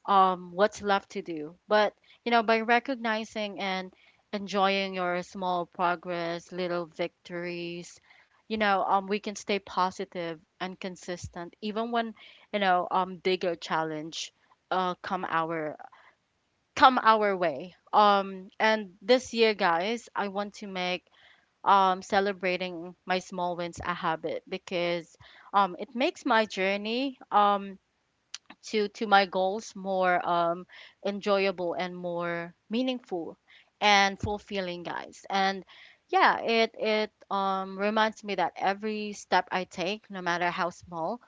Speaker 1: what's left to do. But, you know, by recognizing and enjoying your small progress, little victories, you know, we can stay positive and consistent, even when, you know, bigger challenge, uh, come our come our way. And this year, guys, I want to make celebrating my small wins a habit, because it makes my journey to my goals more enjoyable and more meaningful and fulfilling, guys. And yeah, it reminds me that every step I take, no matter how small,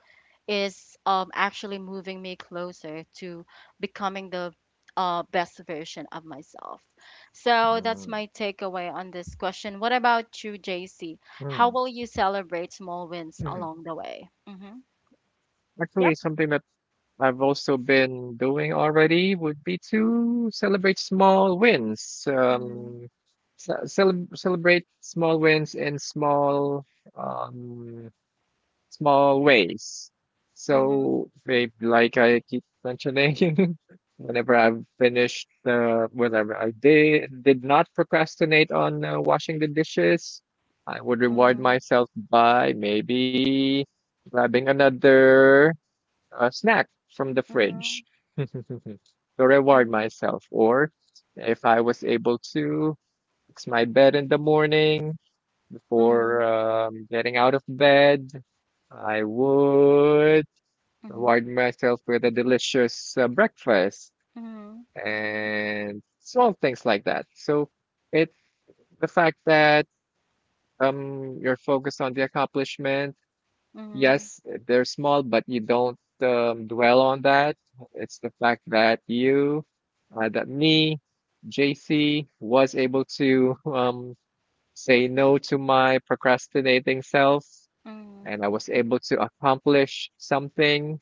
Speaker 1: is actually moving me closer to becoming the best version of myself. So that's my takeaway on this question. What about you, JC? How will you celebrate small wins along the way? Mm-hmm. Yep.
Speaker 2: Actually, something that I've also been doing already would be to celebrate small wins.
Speaker 1: Mm-hmm.
Speaker 2: Celebrate small wins in small um, small ways.
Speaker 1: Mm-hmm.
Speaker 2: So they, like I keep mentioning, <laughs> whenever I've finished, whatever I did not procrastinate on washing the dishes, I would reward
Speaker 1: Mm-hmm.
Speaker 2: myself by maybe grabbing another snack from the
Speaker 1: Mhm,
Speaker 2: fridge to reward
Speaker 1: mhm,
Speaker 2: myself. Or if I was able to fix my bed in the morning before
Speaker 1: mhm,
Speaker 2: getting out of bed, I would
Speaker 1: mhm,
Speaker 2: reward myself with a delicious breakfast
Speaker 1: mhm,
Speaker 2: and small things like that. So it's the fact that you're focused on the accomplishment.
Speaker 1: mhm,
Speaker 2: Yes, they're small, but you don't dwell on that. It's the fact that me, JC, was able to say no to my procrastinating self, and
Speaker 1: mhm,
Speaker 2: I was able to accomplish something.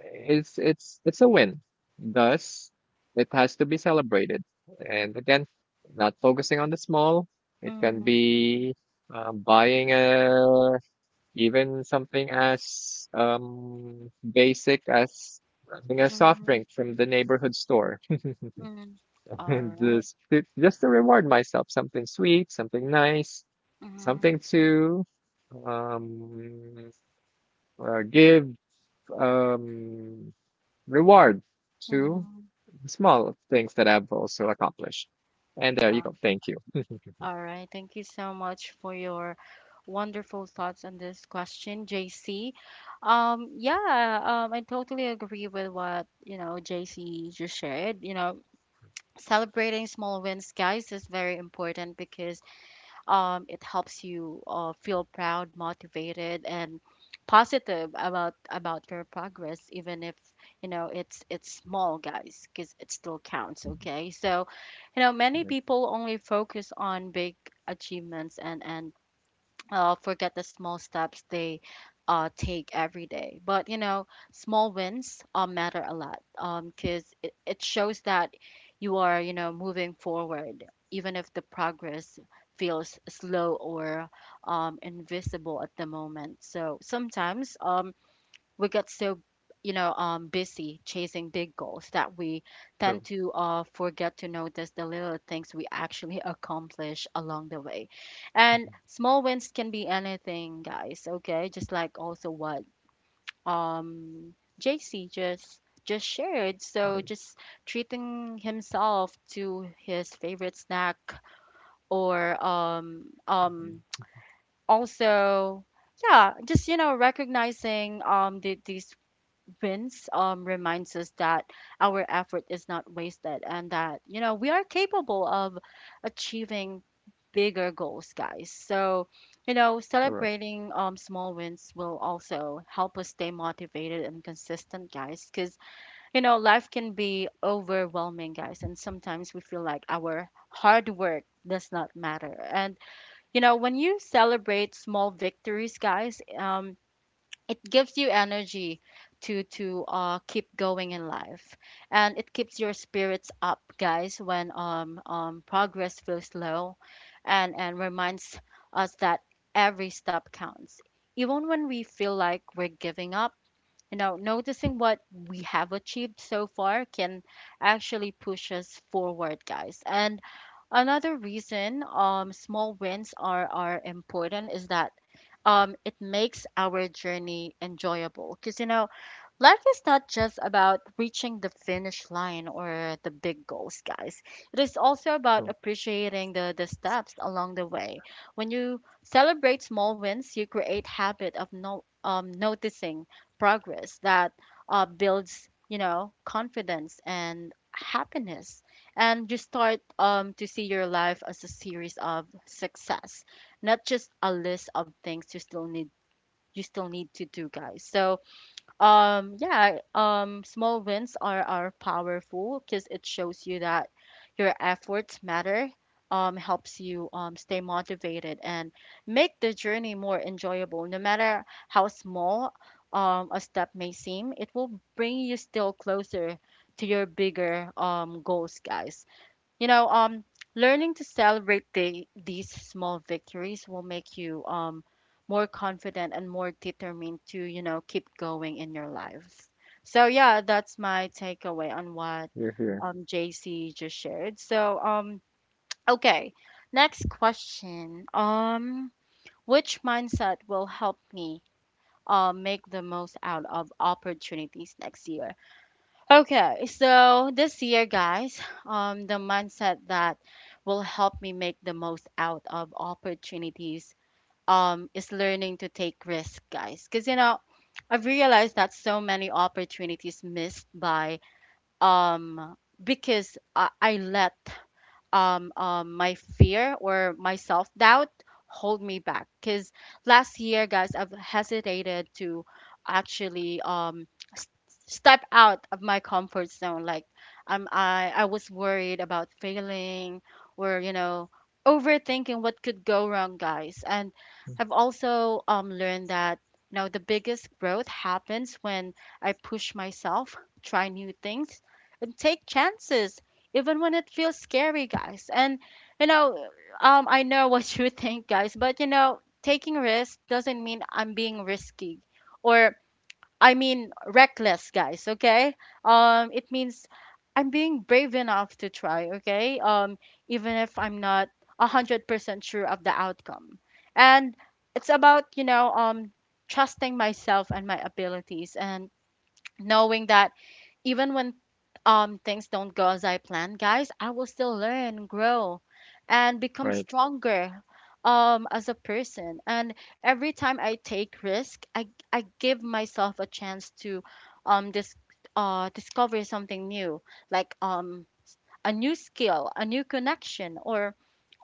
Speaker 2: It's a win. Thus, it has to be celebrated. And again, not focusing on the small. It can
Speaker 1: mhm,
Speaker 2: be buying a even something as basic as grabbing a soft
Speaker 1: mhm,
Speaker 2: drink from the neighborhood store,
Speaker 1: mhm.
Speaker 2: <laughs>
Speaker 1: All
Speaker 2: and
Speaker 1: right.
Speaker 2: just to reward myself, something sweet, something nice,
Speaker 1: Mhm,
Speaker 2: something to um, give, um, reward to
Speaker 1: mhm.
Speaker 2: small things that I've also accomplished. And there you
Speaker 1: Uh,
Speaker 2: go. Thank you.
Speaker 1: All right. Thank you so much for your wonderful thoughts on this question, JC. Yeah, I totally agree with what, you know, JC just shared. You know, celebrating small wins, guys, is very important, because it helps you feel proud, motivated, and positive about your progress, even if you know it's small, guys, because it still counts. Okay, so you know many people only focus on big achievements, and forget the small steps they take every day. But you know, small wins matter a lot, because it shows that you are, you know, moving forward, even if the progress feels slow or invisible at the moment. So sometimes we get so, you know, busy chasing big goals that we
Speaker 2: Sure.
Speaker 1: tend to forget to notice the little things we actually accomplish along the way. And small wins can be anything, guys. Okay, just like also what um JC just shared. So just treating himself to his favorite snack, or also, yeah, just, you know, recognizing these wins reminds us that our effort is not wasted, and that, you know, we are capable of achieving bigger goals, guys. So, you know,
Speaker 2: All right.
Speaker 1: celebrating small wins will also help us stay motivated and consistent, guys, because, you know, life can be overwhelming, guys. And sometimes we feel like our hard work does not matter. And, you know, when you celebrate small victories, guys, it gives you energy to keep going in life, and it keeps your spirits up, guys, when progress feels low, and reminds us that every step counts, even when we feel like we're giving up. You know, noticing what we have achieved so far can actually push us forward, guys. And another reason small wins are important is that it makes our journey enjoyable. Because, you know, life is not just about reaching the finish line or the big goals, guys. It is also about appreciating the steps along the way. When you celebrate small wins, you create habit of no, noticing progress that builds, you know, confidence and happiness. And you start to see your life as a series of success, not just a list of things you still need to do, guys. So yeah, small wins are powerful, because it shows you that your efforts matter, helps you stay motivated and make the journey more enjoyable. No matter how small a step may seem, it will bring you still closer to your bigger goals, guys. You know, learning to celebrate these small victories will make you more confident and more determined to, you know, keep going in your life. So yeah, that's my takeaway on what
Speaker 2: You're here.
Speaker 1: JC just shared. So okay, next question. Which mindset will help me make the most out of opportunities next year? Okay, so this year, guys, the mindset that will help me make the most out of opportunities is learning to take risks, guys. Because, you know, I've realized that so many opportunities missed by um, because I let my fear or my self doubt hold me back. Because last year, guys, I've hesitated to actually s- step out of my comfort zone. Like, I was worried about failing, or, you know, overthinking what could go wrong, guys. And I've also learned that. You know, the biggest growth happens when I push myself, try new things, and take chances even when it feels scary, guys. And you know, I know <laughs> what you think, guys, but you know, taking risks doesn't mean I'm being risky, or I mean reckless, guys. Okay, it means I'm being brave enough to try. Okay, even if I'm not 100% sure of the outcome. And it's about, you know, trusting myself and my abilities and knowing that even when things don't go as I plan, guys, I will still learn and grow and become
Speaker 2: Right.
Speaker 1: stronger as a person. And every time I take risk, I give myself a chance to um dis discover something new. Like, a new skill, a new connection, or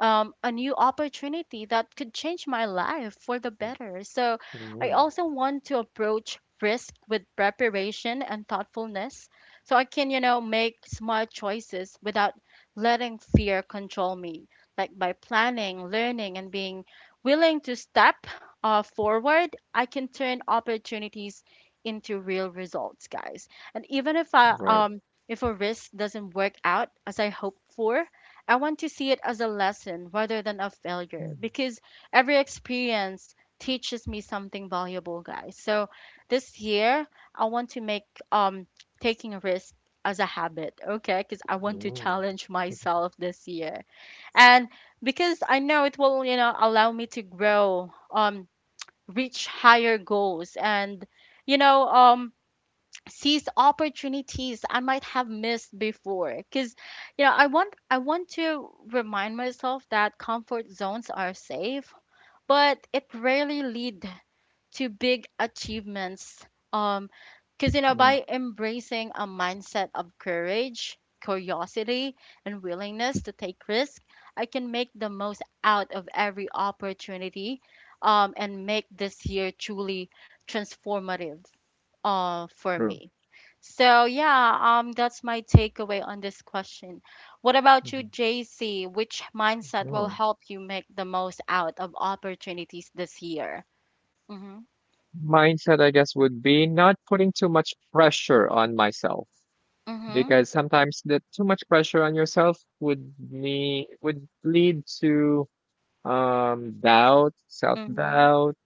Speaker 1: a new opportunity that could change my life for the better. So I also want to approach risk with preparation and thoughtfulness, so I can, you know, make smart choices without letting fear control me. Like, by planning, learning, and being willing to step forward, I can turn opportunities into real results, guys. And even
Speaker 2: Right.
Speaker 1: if a risk doesn't work out as I hope for, I want to see it as a lesson rather than a failure, because every experience teaches me something valuable, guys. So this year, I want to make um taking a risk as a habit, okay? Because I want to challenge myself this year. And because I know it will, you know, allow me to grow, reach higher goals, and, you know, seize opportunities I might have missed before, because you know I want to remind myself that comfort zones are safe, but it rarely lead to big achievements. um because you know, by embracing a mindset of courage, curiosity, and willingness to take risk, I can make the most out of every opportunity, and make this year truly transformative, for me. So yeah, that's my takeaway on this question. What about you, JC? Which mindset will help you make the most out of opportunities this year? Mm-hmm.
Speaker 2: Mindset, I guess, would be not putting too much pressure on myself,
Speaker 1: Mm-hmm.
Speaker 2: because sometimes the too much pressure on yourself would me would lead to doubt, self
Speaker 1: Mm-hmm.
Speaker 2: doubt,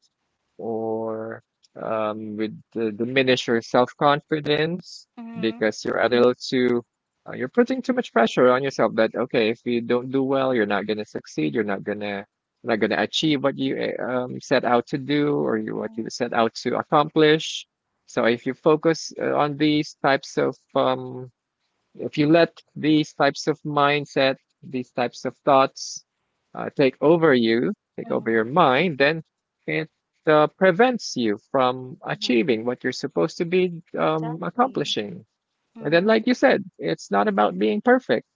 Speaker 2: or would diminish your self confidence,
Speaker 1: Mm-hmm.
Speaker 2: because you're a little too, you're putting too much pressure on yourself that, okay, if you don't do well, you're not going to succeed, you're not going to not going to achieve what you set out to do, or you, what you
Speaker 1: Mm-hmm.
Speaker 2: set out to accomplish. So if you focus on these types of if you let these types of mindset, these types of thoughts take over you, take over your
Speaker 1: Mm-hmm,
Speaker 2: mind, then it prevents you from
Speaker 1: mm-hmm,
Speaker 2: achieving what you're supposed to be
Speaker 1: exactly.
Speaker 2: accomplishing. And then,
Speaker 1: Mm-hmm.
Speaker 2: like you said, it's not about being perfect.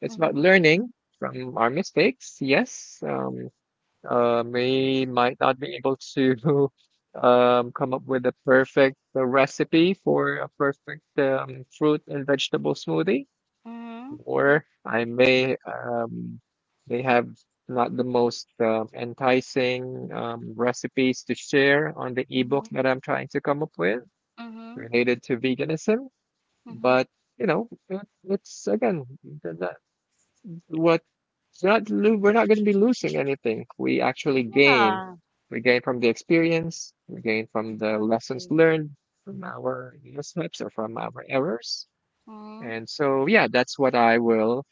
Speaker 2: It's about
Speaker 1: Mm-hmm.
Speaker 2: learning from our mistakes. Yes, we might not be able to <laughs> come up with a perfect recipe for a perfect fruit and vegetable smoothie,
Speaker 1: Mm-hmm.
Speaker 2: or I may have not the most enticing recipes to share on the ebook
Speaker 1: Mm-hmm.
Speaker 2: that I'm trying to come up with
Speaker 1: Mm-hmm.
Speaker 2: related to veganism.
Speaker 1: Mm-hmm.
Speaker 2: But you know, it's again the, what it's not lo- we're not going to be losing anything. We actually gain.
Speaker 1: Yeah.
Speaker 2: We gain from the experience. We gain from the lessons
Speaker 1: Exactly.
Speaker 2: learned from our missteps or from our errors.
Speaker 1: Mm-hmm.
Speaker 2: And so, yeah, that's what I will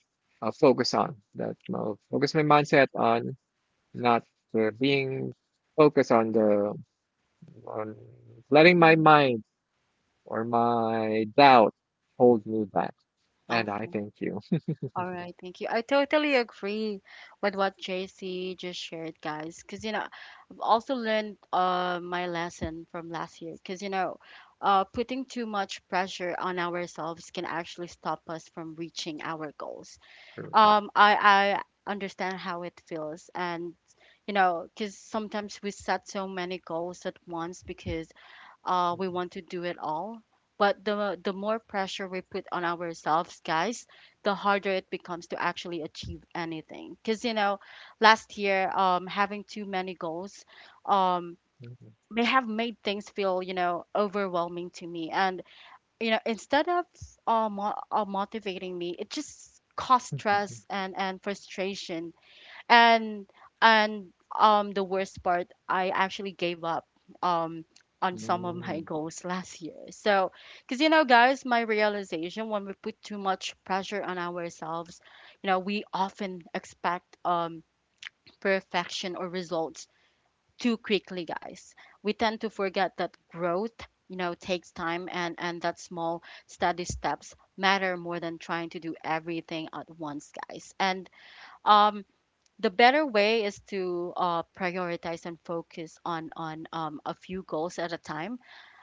Speaker 2: focus on. That I'll focus my mindset on not being focused on the on letting my
Speaker 1: Mm-hmm.
Speaker 2: mind or my doubt hold me back. And I
Speaker 1: Okay.
Speaker 2: thank you.
Speaker 1: All right, thank you. I totally agree with what JC just shared, guys. Because, you know, I've also learned my lesson from last year. Because, you know, putting too much pressure on ourselves can actually stop us from reaching our goals.
Speaker 2: <laughs> So,
Speaker 1: Um, I, I understand how it feels. And, you know, because sometimes we set so many goals at once, because we want to do it all. But the more pressure we put on ourselves, guys, the harder it becomes to actually achieve anything. Because you know, last year, having too many goals, um, may have made things feel, you know, overwhelming to me. And you know, instead of motivating me, it just caused stress and frustration. And and um the worst part, I actually gave up um on some of my <laughs> goals last year. So, because you know, guys, my realization, when we put too much pressure on ourselves, you know, we often expect perfection or results too quickly, guys. We tend to forget that growth, you know, takes time, and that small steady steps matter more than trying to do everything at once, guys. And um the better way is to prioritize and focus on a few goals at a time,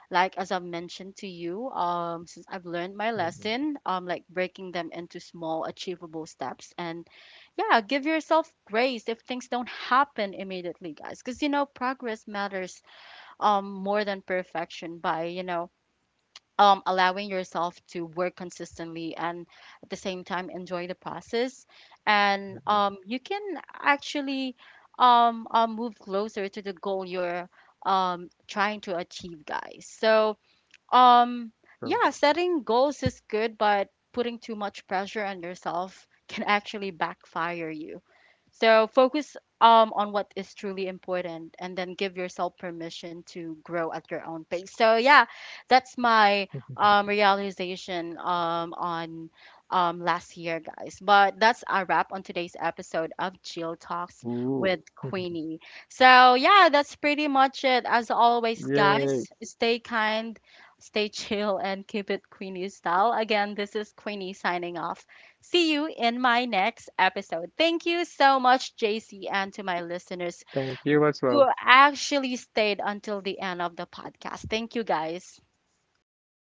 Speaker 1: like as I've mentioned to you, since I've learned my lesson. Like breaking them into small achievable steps, and yeah, give yourself grace if things don't happen immediately, guys, because you know progress matters more than perfection. By, you know, allowing yourself to work consistently, and at the same time enjoy the process, and you can actually move closer to the goal you're trying to achieve, guys. So, um,
Speaker 2: so,
Speaker 1: yeah, setting goals is good, but putting too much pressure on yourself <laughs> can actually backfire you. So focus on what is truly important, and then give yourself permission to grow at your own pace. So yeah, that's my realization on last year, guys. But that's a wrap on today's episode of Jill Talks
Speaker 2: ooh,
Speaker 1: with Queenie. So yeah, that's pretty much it. As always,
Speaker 2: yay!
Speaker 1: guys, stay kind. Stay chill and keep it Queenie style. Again, this is Queenie signing off. See you in my next episode. Thank you so much, JC, and to my listeners
Speaker 2: Thank you as well.
Speaker 1: who actually stayed until the end of the podcast. Thank you, guys.
Speaker 2: Yay!